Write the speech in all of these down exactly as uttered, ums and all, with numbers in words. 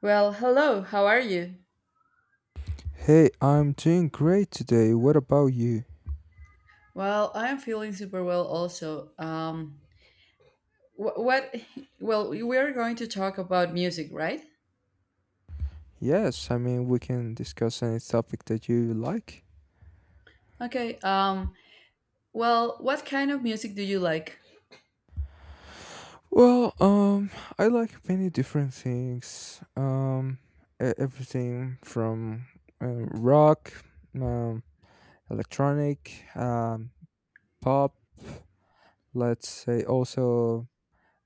Well, hello. How are you? Hey, I'm doing great today. What about you? Well, I am feeling super well also. Um wh- what well, we are going to talk about music, right? Yes, I mean, we can discuss any topic that you like. Okay. Um well, what kind of music do you like? Well, um, I like many different things. Um, e- everything from uh, rock, um, electronic, um, pop, let's say also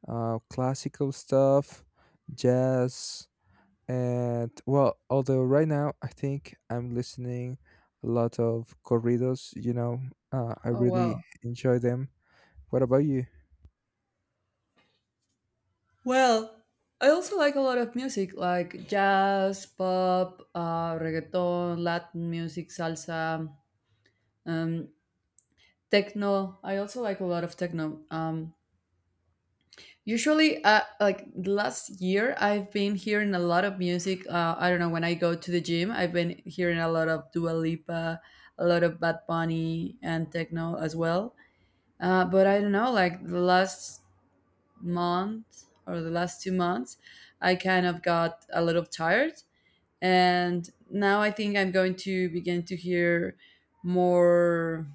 uh, classical stuff, jazz. And well, although right now I think I'm listening a lot of corridos, you know, uh, I Oh, really wow. enjoy them. What about you? Well, I also like a lot of music like jazz, pop, uh reggaeton, Latin music, salsa, um techno. I also like a lot of techno. Um Usually, uh, like the last year, I've been hearing a lot of music. Uh, I don't know, when I go to the gym, I've been hearing a lot of Dua Lipa, a lot of Bad Bunny, and techno as well. Uh, but I don't know, like the last month or the last two months, I kind of got a little tired. And now I think I'm going to begin to hear more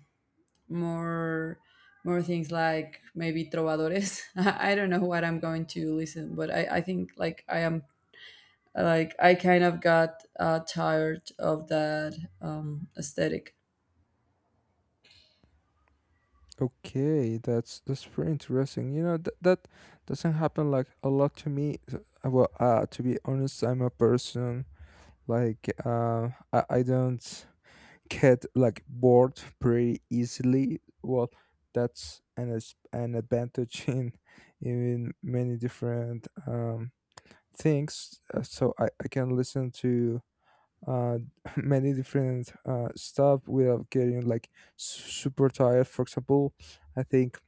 more more things like maybe trovadores. I I don't know what I'm going to listen, but I, I think like I am, like I kind of got uh, tired of that um, aesthetic. Okay, that's that's pretty interesting. You know that that doesn't happen like a lot to me. So, uh, well, uh, to be honest, I'm a person like uh, I, I don't get like bored pretty easily. Well, that's an as- an advantage in in many different um things uh, so I, I can listen to uh many different uh stuff without getting like su- super tired. For example, I think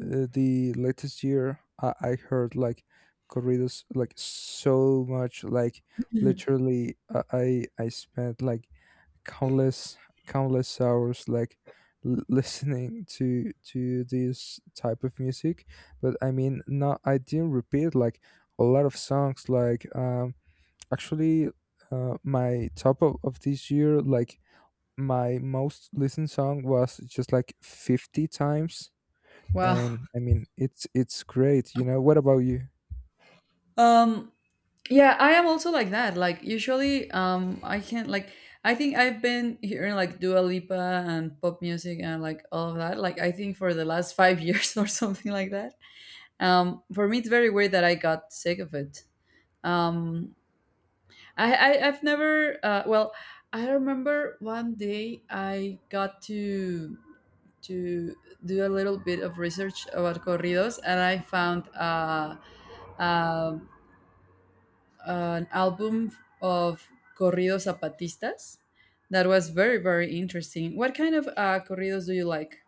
uh, the latest year I, I heard like corridos like so much, like literally. Uh, i i spent like countless countless hours like l- listening to to this type of music. But I mean, not, I didn't repeat like a lot of songs like um actually, uh, my top of, of this year, like my most listened song was just like fifty times. Wow. And I mean, it's it's great, you know. What about you? Um yeah, I am also like that. Like, usually, um I can't, like, I think I've been hearing like Dua Lipa and pop music and like all of that. Like I think for the last five years or something like that. Um for me, it's very weird that I got sick of it. Um I, I I've never. Uh, well, I remember one day I got to to do a little bit of research about corridos, and I found uh, um an album of corridos zapatistas that was very very interesting. What kind of uh, corridos do you like?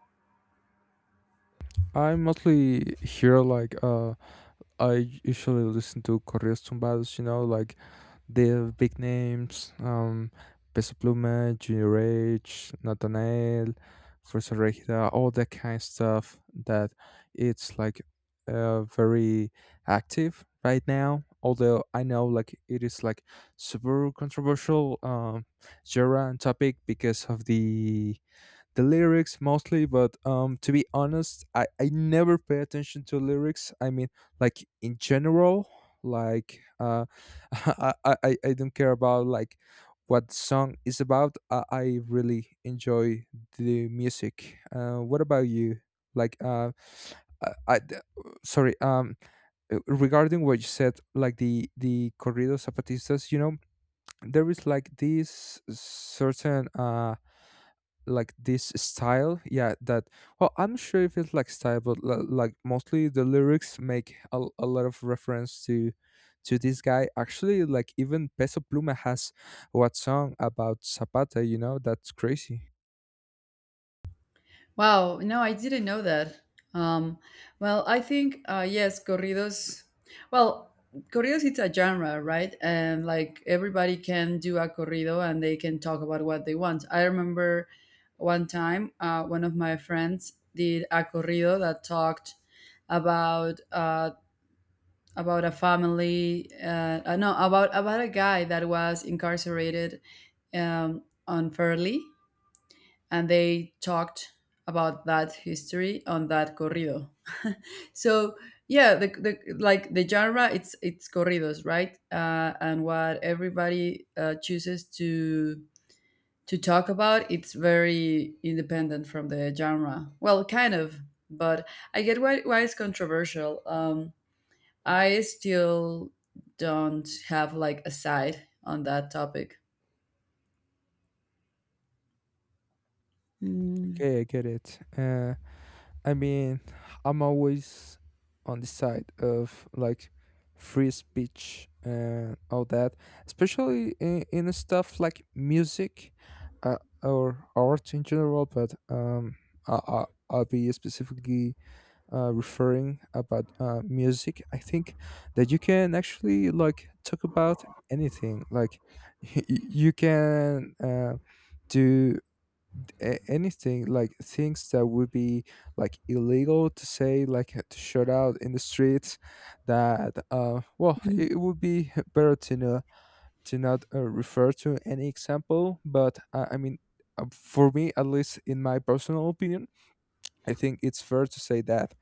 I mostly hear like uh I usually listen to corridos Tumbados, you know, like they have big names, um, Peso Pluma, Junior H, Nathanael, Fuerza Regida, all that kind of stuff that it's like uh, very active right now. Although I know like it is like super controversial um genre and topic because of the the lyrics mostly. But um to be honest, i i never pay attention to lyrics. I mean, like in general, like uh I, I i I don't care about like what the song is about. I, I really enjoy the music. Uh what about you? Like uh I, I d- sorry, um uh, regarding what you said, like the the corridos zapatistas, you know, there is like this certain uh like this style, yeah, that well, I'm sure if it's like style, but l- like mostly the lyrics make a, a lot of reference to to this guy. Actually, like even Peso Pluma has what song about Zapata, you know? That's crazy. Wow, no, I didn't know that. Um, well, I think, uh, yes, corridos. Well, corridos it's a genre, right? And like everybody can do a corrido and they can talk about what they want. I remember one time, uh, one of my friends did a corrido that talked about uh, about a family. Uh, uh, no, about about a guy that was incarcerated, um, unfairly, and they talked about that history on that corrido. So yeah, the, the like the genre, it's it's corridos, right? Uh, and what everybody uh, chooses to to talk about, it's very independent from the genre. Well, kind of, but I get why why it's controversial. Um, I still don't have like a side on that topic. Mm. Okay, I get it. uh I mean, I'm always on the side of like free speech and all that, especially in, in stuff like music, uh, or art in general. But um, I, I, I'll be specifically uh, referring about uh, music. I think that you can actually like talk about anything. Like you can uh, do a- anything, like things that would be like illegal to say, like uh, to shout out in the streets. That uh well, it would be better to know to not uh, refer to any example, but uh, I mean, uh, for me at least, in my personal opinion, I think it's fair to say that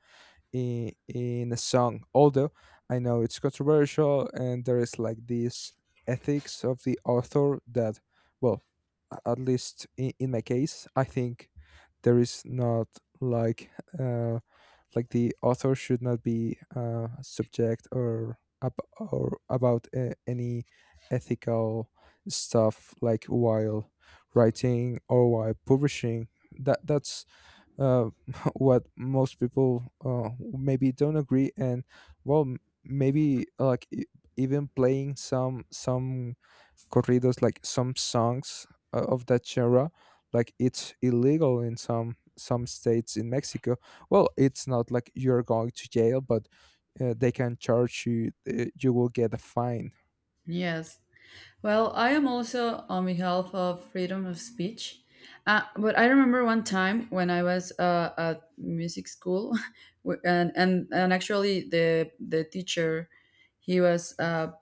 in, in a song, although I know it's controversial and there is like this ethics of the author that well, a- at least in, in my case, I think there is not like uh, like the author should not be uh, subject or ab- or about uh, any ethical stuff like while writing or while publishing. That that's uh, what most people uh, maybe don't agree. And well, m- maybe like e- even playing some some corridos, like some songs uh, of that genre, like it's illegal in some some states in Mexico. Well, it's not like you're going to jail, but uh, they can charge you. Uh, you will get a fine. Yes. Well, I am also on behalf of freedom of speech. Uh, but I remember one time when I was uh, at music school, w- and, and and actually the the teacher, he was uh,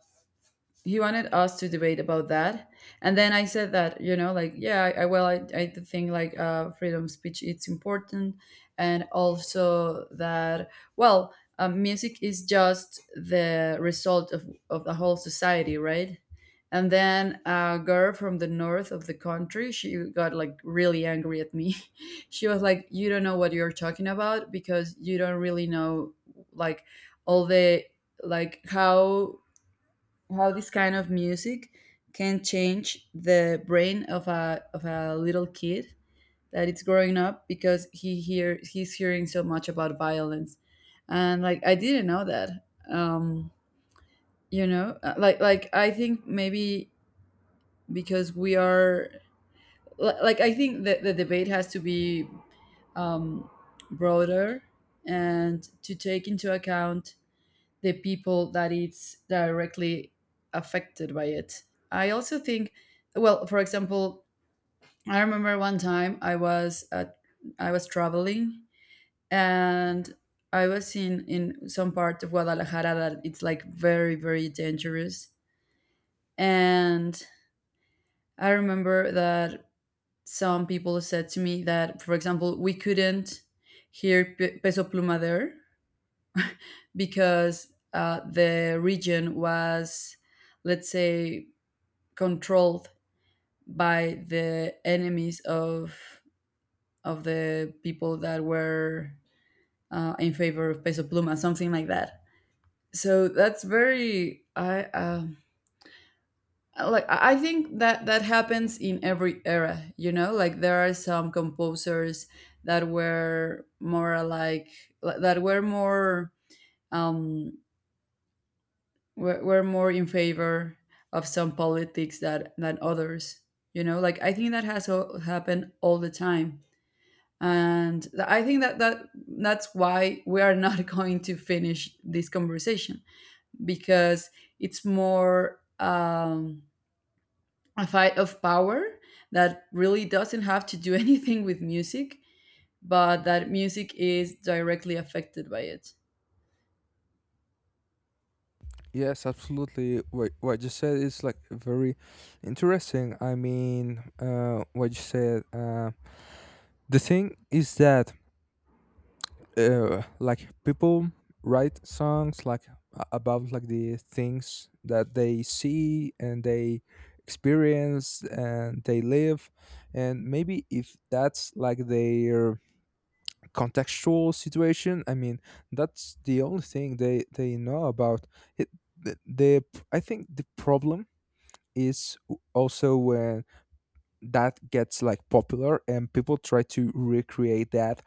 he wanted us to debate about that. And then I said that, you know like, yeah, i, I well i, I do think like, uh, freedom of speech, it's important, and also that, well uh, music is just the result of, of the whole society, right? And then a girl from the north of the country, she got like really angry at me. She was like, you don't know what you're talking about because you don't really know, like, all the, like, how how this kind of music can change the brain of a of a little kid that it's growing up because he hear he's hearing so much about violence. And, like, I didn't know that. um you know Uh, like, like I think maybe because we are, li- like, I think that the debate has to be, um broader, and to take into account the people that it's directly affected by it. I also think, well, for example, I remember one time I was at, I was traveling, and I was in in some part of Guadalajara that it's like very very dangerous. And I remember that some people said to me that, for example, we couldn't hear P- Peso Pluma there because, uh, the region was, let's say, controlled by the enemies of of the people that were, uh, in favor of Peso Pluma, something like that. So that's very, I um like, I I think that that happens in every era. You know, like there are some composers that were more like, that were more um were, were more in favor of some politics that than others. You know, like I think that has o- happened all the time, and th- i think that that that's why we are not going to finish this conversation because it's more, um, a fight of power that really doesn't have to do anything with music, but that music is directly affected by it. Yes, absolutely. What what you said is like very interesting. I mean, uh, what you said. Uh, the thing is that uh, like people write songs like a- about like the things that they see and they experience and they live. And maybe if that's like their contextual situation, I mean, that's the only thing they they know about it. The, the I think the problem is also when that gets like popular and people try to recreate that,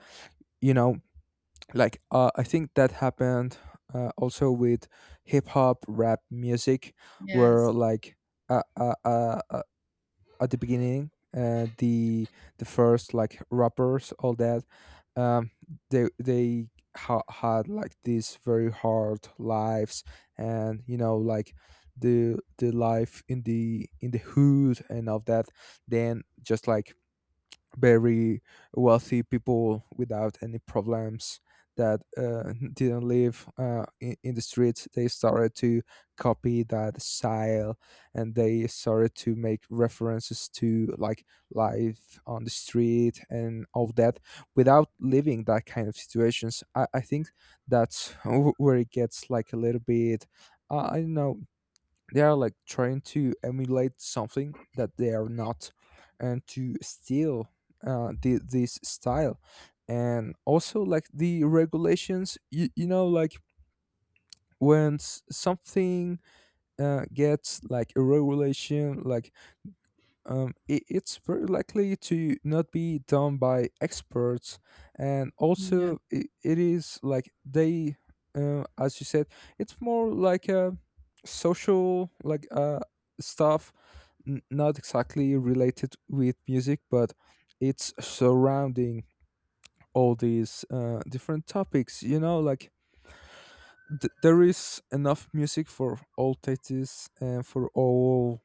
you know, like uh, I think that happened uh, also with hip hop rap music, where Yes. like uh, uh, uh, uh, at the beginning, uh, the the first like rappers, all that, um they they ha- had like these very hard lives. And you know, like the the life in the in the hood and all that. Then just like very wealthy people without any problems, that uh, didn't live uh, in, in the streets. They started to copy that style, and they started to make references to like life on the street and all that without living that kind of situations. I, I think that's where it gets like a little bit, uh, I don't know, they are like trying to emulate something that they are not, and to steal uh, the, this style. And also like the regulations, you, you know, like when s- something uh, gets like a regulation, like um, it, it's very likely to not be done by experts. And Yeah. also it, it is like they uh, as you said, it's more like a social like uh, stuff, n- not exactly related with music, but it's surrounding all these uh, different topics. You know, like th- there is enough music for all tastes and for all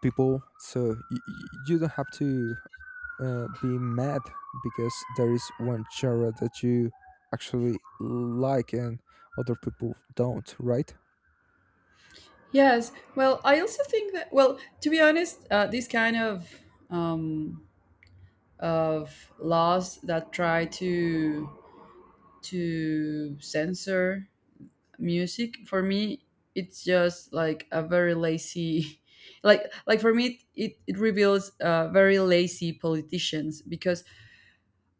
people, so y- y- you don't have to uh, be mad because there is one genre that you actually like and other people don't, right? Yes. Well, I also think that. Well, to be honest, uh, these kind of um, of laws that try to to censor music, for me, it's just like a very lazy, like like for me, it it reveals, uh, very lazy politicians because,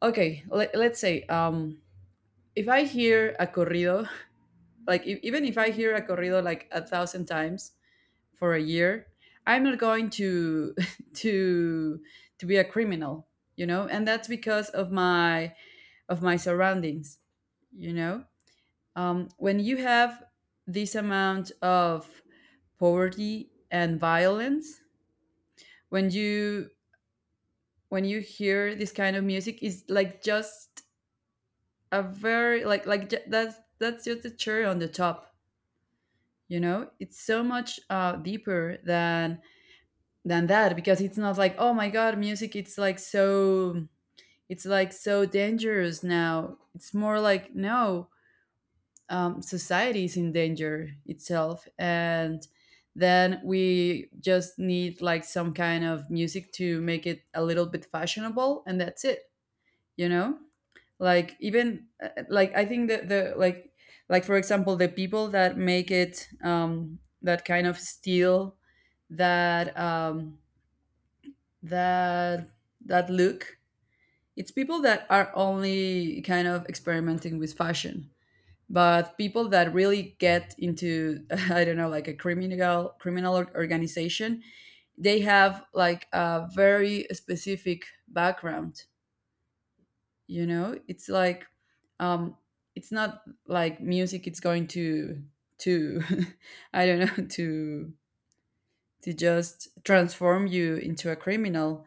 okay, let, let's say, um, if I hear a corrido, like if, even if I hear a corrido like a thousand times for a year, I'm not going to to to be a criminal, you know. And that's because of my, of my surroundings, you know. Um, when you have this amount of poverty and violence, when you when you hear this kind of music is like just a very, like like ju- that's that's just the cherry on the top, you know. It's so much, uh, deeper than than that because it's not like, oh my god, music it's like so, it's like so dangerous now, it's more like no. Um, society is in danger itself, and then we just need like some kind of music to make it a little bit fashionable, and that's it, you know. Like, even, uh, like, I think that, the like like for example, the people that make it, um that kind of steel, that um that that look, it's people that are only kind of experimenting with fashion, but people that really get into I don't know, like a criminal criminal or- organization, they have like a very specific background, you know. it's like um it's not like music it's going to to I don't know to to just transform you into a criminal.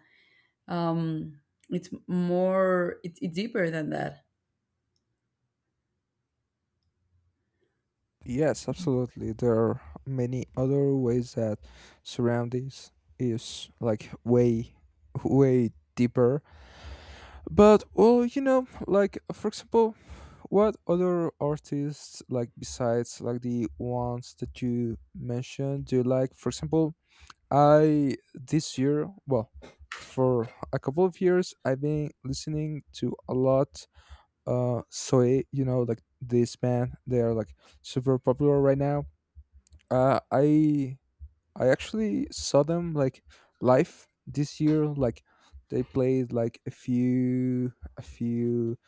um, it's more, it's, it's deeper than that. Yes, absolutely. There are many other ways that surroundings is like way, way deeper. But well, you know, like for example, what other artists, like besides like the ones that you mentioned, do you like? For example, I this year, well, for a couple of years, I've been listening to a lot uh Soe. You know, like this band. They are like super popular right now. Uh, I I actually saw them like live this year. Like they played like a few a few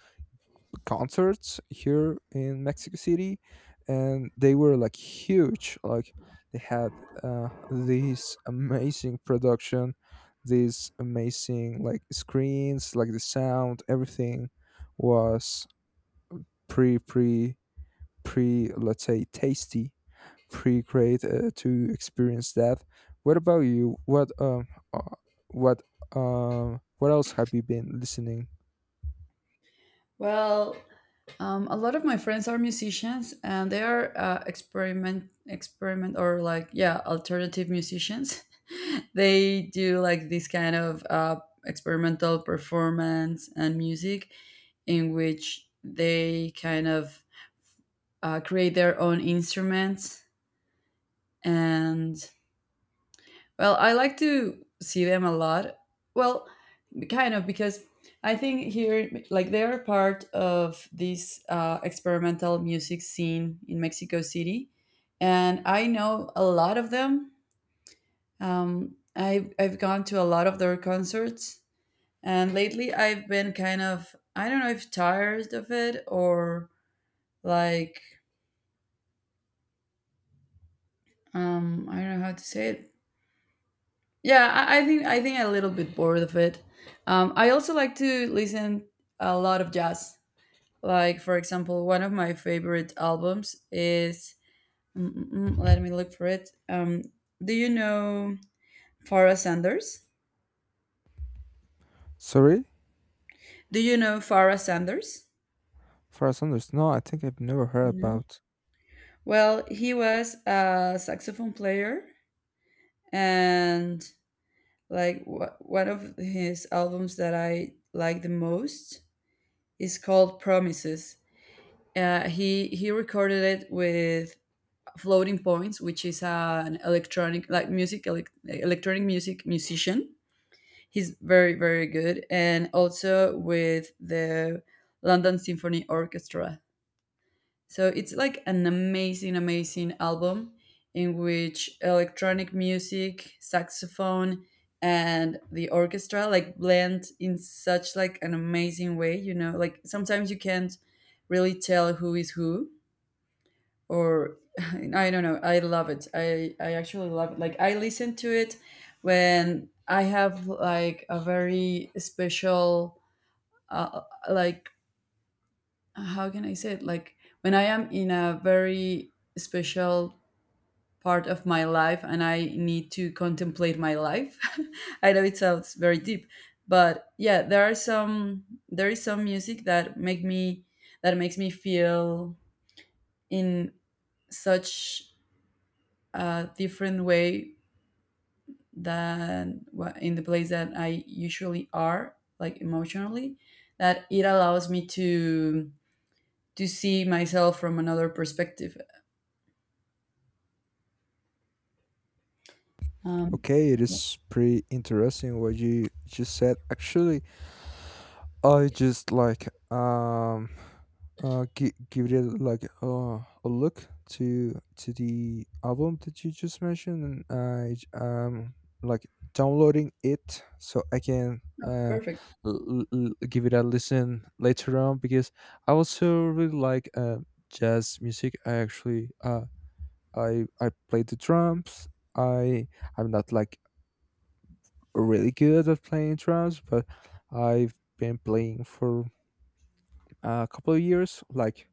concerts here in Mexico City, and they were like huge. Like they had uh, this amazing production, these amazing like screens, like the sound, everything was pretty pretty pretty, let's say, tasty, pretty great uh, to experience that. What about you? What um, uh, what um, what else have you been listening? Well, um, a lot of my friends are musicians, and they are, uh, experiment experiment or like, yeah, alternative musicians. They do like this kind of, uh, experimental performance and music in which they kind of, uh, create their own instruments. And well, I like to see them a lot. Well, kind of because I think here, like they are part of this, uh, experimental music scene in Mexico City, and I know a lot of them. Um, I've I've gone to a lot of their concerts, and lately I've been kind of, I don't know if tired of it, or like, um, I don't know how to say it. Yeah, I, I think I think I'm a little bit bored of it. Um, I also like to listen a lot of jazz. Like, for example, one of my favorite albums is. mm, mm, mm, Let me look for it. Um, do you know Farrah Sanders? Sorry, Do you know Farrah Sanders? Far Sanders. No, I think I've never heard No. about. Well, he was a saxophone player, and like, w- one of his albums that I like the most is called Promises. Uh, he he recorded it with Floating Points, which is, uh, an electronic, like, music, elec electronic music musician. He's very very good, and also with the London Symphony Orchestra. So it's like an amazing amazing album in which electronic music, saxophone, and the orchestra like blend in such like an amazing way. You know, like sometimes you can't really tell who is who, or I don't know. I love it. I I actually love it. Like, I listen to it when I have like a very special, uh, like how can I say it? Like, when I am in a very special part of my life and I need to contemplate my life. I know it sounds very deep, but yeah, there are some there is some music that make me that makes me feel in such a different way than, wha- in the place that I usually are, like, emotionally, that it allows me to to see myself from another perspective. Um, Okay, it yeah, is pretty interesting what you just said. Actually, I just like um uh give, give it like uh, a look to to the album that you just mentioned, and i j- um like downloading it so I can uh perfect. l- l- give it a listen later on, because I also really like uh jazz music. I actually uh i i play the drums. I i'm not like really good at playing drums, but I've been playing for a couple of years, like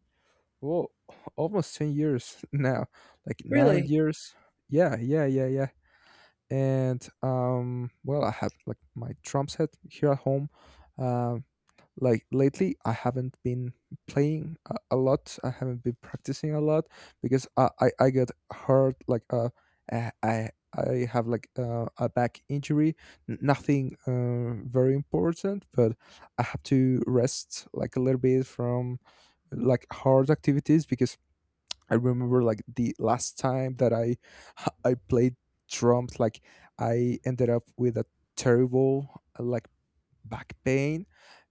well, almost ten years now, like nine Really, years. Yeah, yeah, yeah, yeah, And um well, I have like my drum set here at home. Um like lately I haven't been playing a, a lot. I haven't been practicing a lot because I I, I got hurt like uh I I I have like uh, a back injury. N- nothing uh, very important, but I have to rest like a little bit from like hard activities, because I remember like the last time that I I played drums, like I ended up with a terrible uh, like back pain,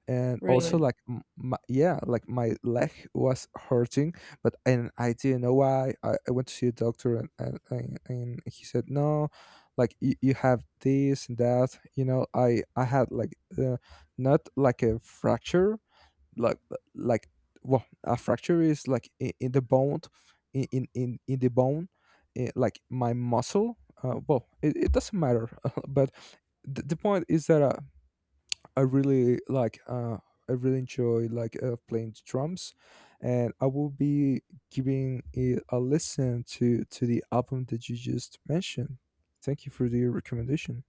and also really. like m- my, yeah, like my leg was hurting. But and I didn't know why. I, I went to see a doctor, and and, and and he said no, like you, you have this and that. You know, I I had like uh, not like a fracture, like like well, a fracture is like in, in the bone, in in in in the bone, eh, like my muscle, uh, well, it, it doesn't matter. But the, the point is that uh, I really like uh, I really enjoy like uh, playing the drums, and I will be giving it a listen to to the album that you just mentioned. Thank you for the recommendation.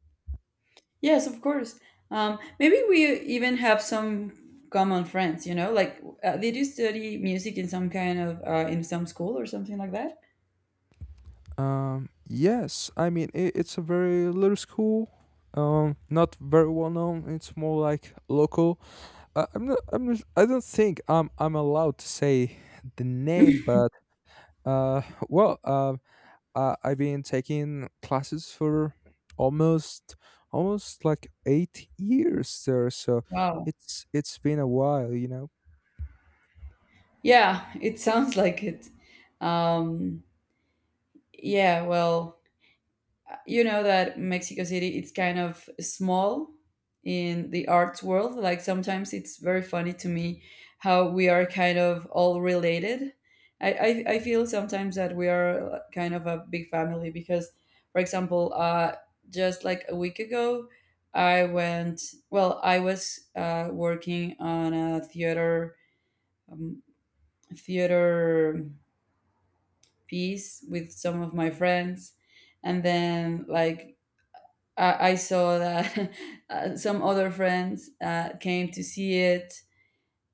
Yes, of course. Um, maybe we even have some common friends. You know, like, uh, did you study music in some kind of, uh, in some school or something like that? Um, yes, I mean, I it's a very little school. Um, not very well known. It's more like local. Uh, I'm not. I'm. Not, I don't think I'm. I'm allowed to say the name, but uh, well, um, uh, I've been taking classes for almost almost like eight years there. So Wow. it's it's been a while, you know. Yeah, it sounds like it. Um, yeah, well, you know that Mexico City, it's kind of small in the arts world. Like sometimes it's very funny to me how we are kind of all related. I, I, I feel sometimes that we are, like, kind of a big family because, for example, uh, just like a week ago, I went, well, I was, uh, working on a theater, um, theater piece with some of my friends. And then, like, I, I saw that uh, some other friends, uh, came to see it,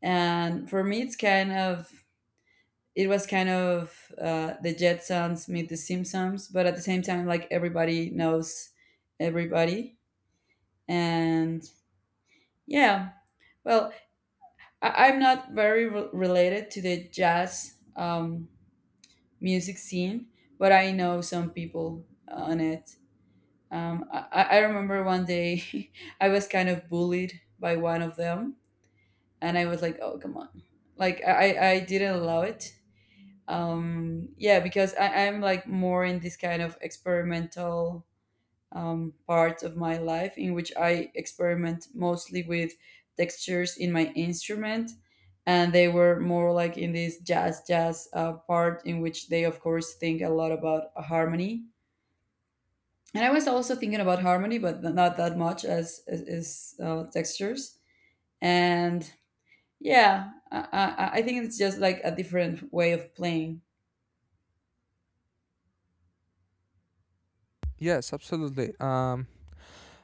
and for me, it's kind of it was kind of, uh, the Jetsons meet the Simpsons, but at the same time, like, everybody knows everybody, and yeah, well, I, I'm not very, re- related to the jazz, um, music scene, but I know some people on it. Um, I, I I remember one day I was kind of bullied by one of them, and I was like, oh come on, like, I I didn't allow it. Um, yeah, because I, I'm like more in this kind of experimental, um, part of my life in which I experiment mostly with textures in my instrument, and they were more like in this jazz jazz, uh, part in which they of course think a lot about harmony. And I was also thinking about harmony, but not that much as as, as uh, textures. And yeah, I, I, I think it's just like a different way of playing. Yes, absolutely. Um,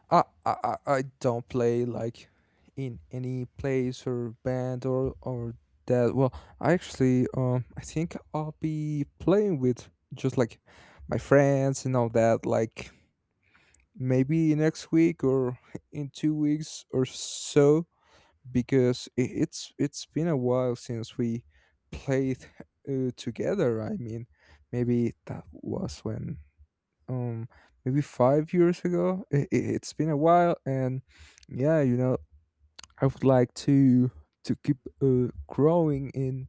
I, I I I don't play like in any place or band or or that. Well, I actually um I think I'll be playing with just like my friends and all that. Like maybe next week or in two weeks or so, because i- it's it's been a while since we played uh, together. I mean, maybe that was when um maybe five years ago. It, it, it's been a while. And yeah, you know, I would like to to keep uh, growing in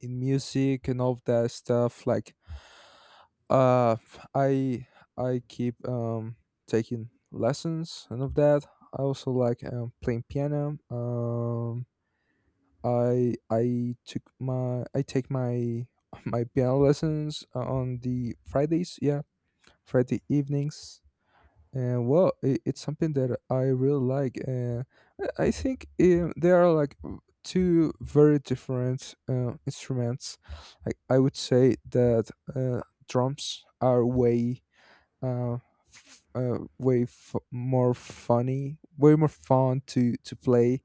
in music and all of that stuff. Like, uh, I I keep um taking lessons and of that. I also like um, playing piano. Um, I I took my I take my my piano lessons on the Fridays. Yeah, Friday evenings. And well, it, it's something that I really like, and I I think um, there are like w- two very different uh, instruments. I I would say that uh, drums are way uh, f- uh way f- more funny, way more fun to to play,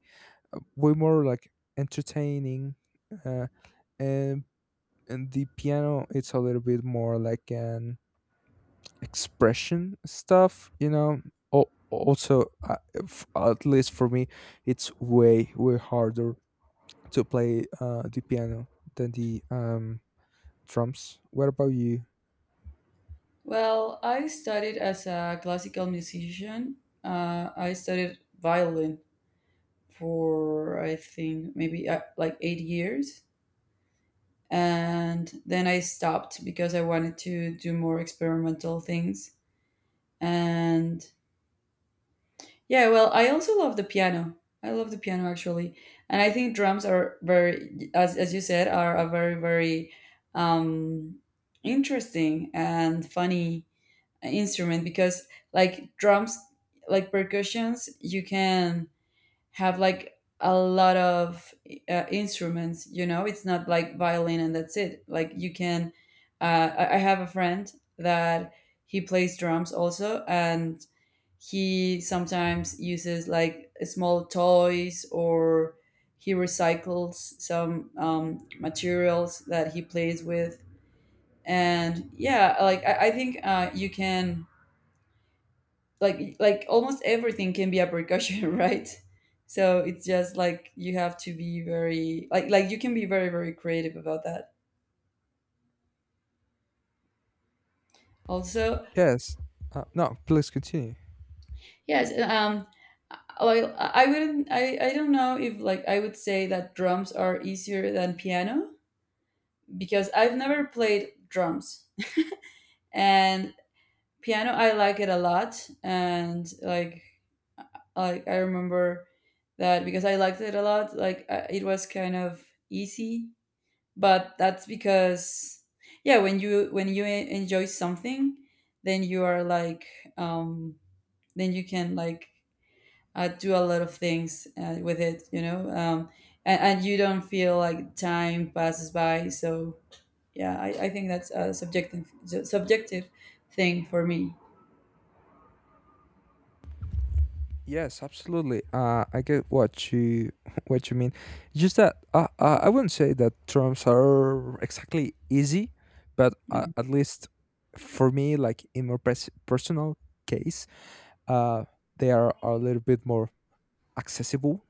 uh, way more like entertaining, uh, and and the piano, it's a little bit more like an expression stuff, you know. Al- also uh, f- at least for me, it's way way harder to play uh, the piano than the um, drums. What about you? Well, I studied as a classical musician. Uh, I studied violin for, I think, maybe, uh, like eight years. And then I stopped because I wanted to do more experimental things. And yeah, well, I also love the piano. I love the piano actually, and I think drums are very, as as you said, are a very very, um, interesting and funny instrument because, like drums, like percussions, you can have like a lot of, uh, instruments. You know, it's not like violin and that's it. Like, you can, uh, I I have a friend that he plays drums also, and he sometimes uses like small toys, or he recycles some, um, materials that he plays with. And yeah, like, I, I think, uh, you can, like like almost everything can be a percussion, right? So it's just like you have to be very, like like you can be very very creative about that. Also, Yes, uh, no, please continue. yes, um, well, I wouldn't I I don't know if like I would say that drums are easier than piano because I've never played drums and piano. I like it a lot, and, like like I remember that because I liked it a lot. Like, I- it was kind of easy, but that's because, yeah, when you when you en- enjoy something, then you are like, um, then you can, like uh, do a lot of things, uh, with it, you know. um, and, and you don't feel like time passes by. So yeah, I, I think that's a subjective subjective thing for me. Yes, absolutely. Uh, I get what you what you mean. Just that uh, uh, I wouldn't say that drums are exactly easy, but uh, Okay. at least for me, like in my pers- personal case, uh, they are, are a little bit more accessible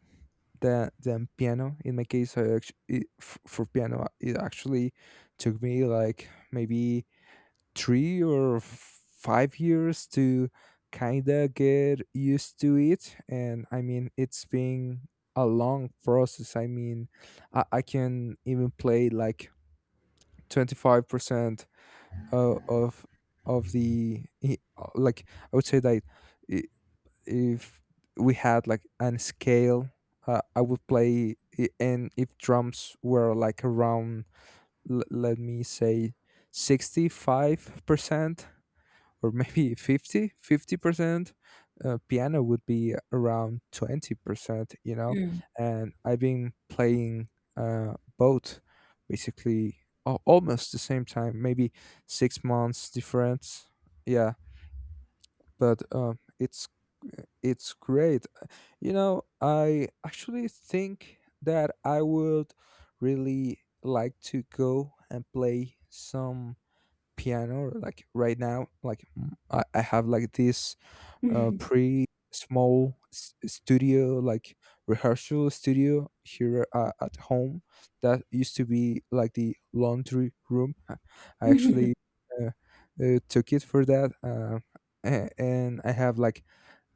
than, than piano. In my case, I actu- it, f- for piano, it actually took me like maybe three or five years to kind of get used to it. And I mean, it's been a long process. I mean, I, I can even play like twenty-five percent uh, of of the i- uh, like I would say that if we had like an scale, uh, i would play i- and if drums were like around l- let me say sixty-five percent or maybe fifty, fifty percent, uh, piano would be around twenty percent, you know. Mm. And I've been playing uh, both basically, al- almost the same time, maybe six months difference, yeah. But um, it's it's great, you know. I actually think that I would really like to go and play some piano like right now. Like mm, i, I have like this uh pretty small s- studio, like rehearsal studio here uh, at home, that used to be like the laundry room. i I actually uh, uh, took it for that. Uh, a- and I have like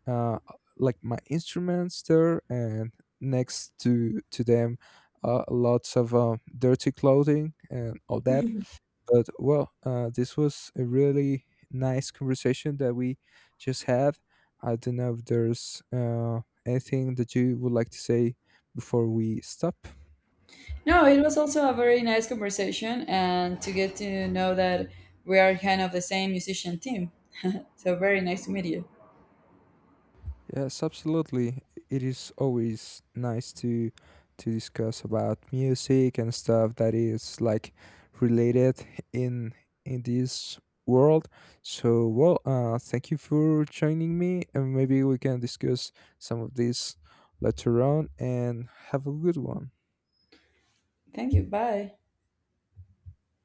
uh, like my instruments there, and next to to them, uh, lots of uh, dirty clothing and all that. But well, uh, this was a really nice conversation that we just had. I don't know if there's uh, anything that you would like to say before we stop. No, it was also a very nice conversation, and to get to know that we are kind of the same musician team. So very nice to meet you. Yes, absolutely. It is always nice to to discuss about music and stuff that is like related in in this world. So, well, uh, thank you for joining me, and maybe we can discuss some of this later on. And have a good one. Thank you. Bye.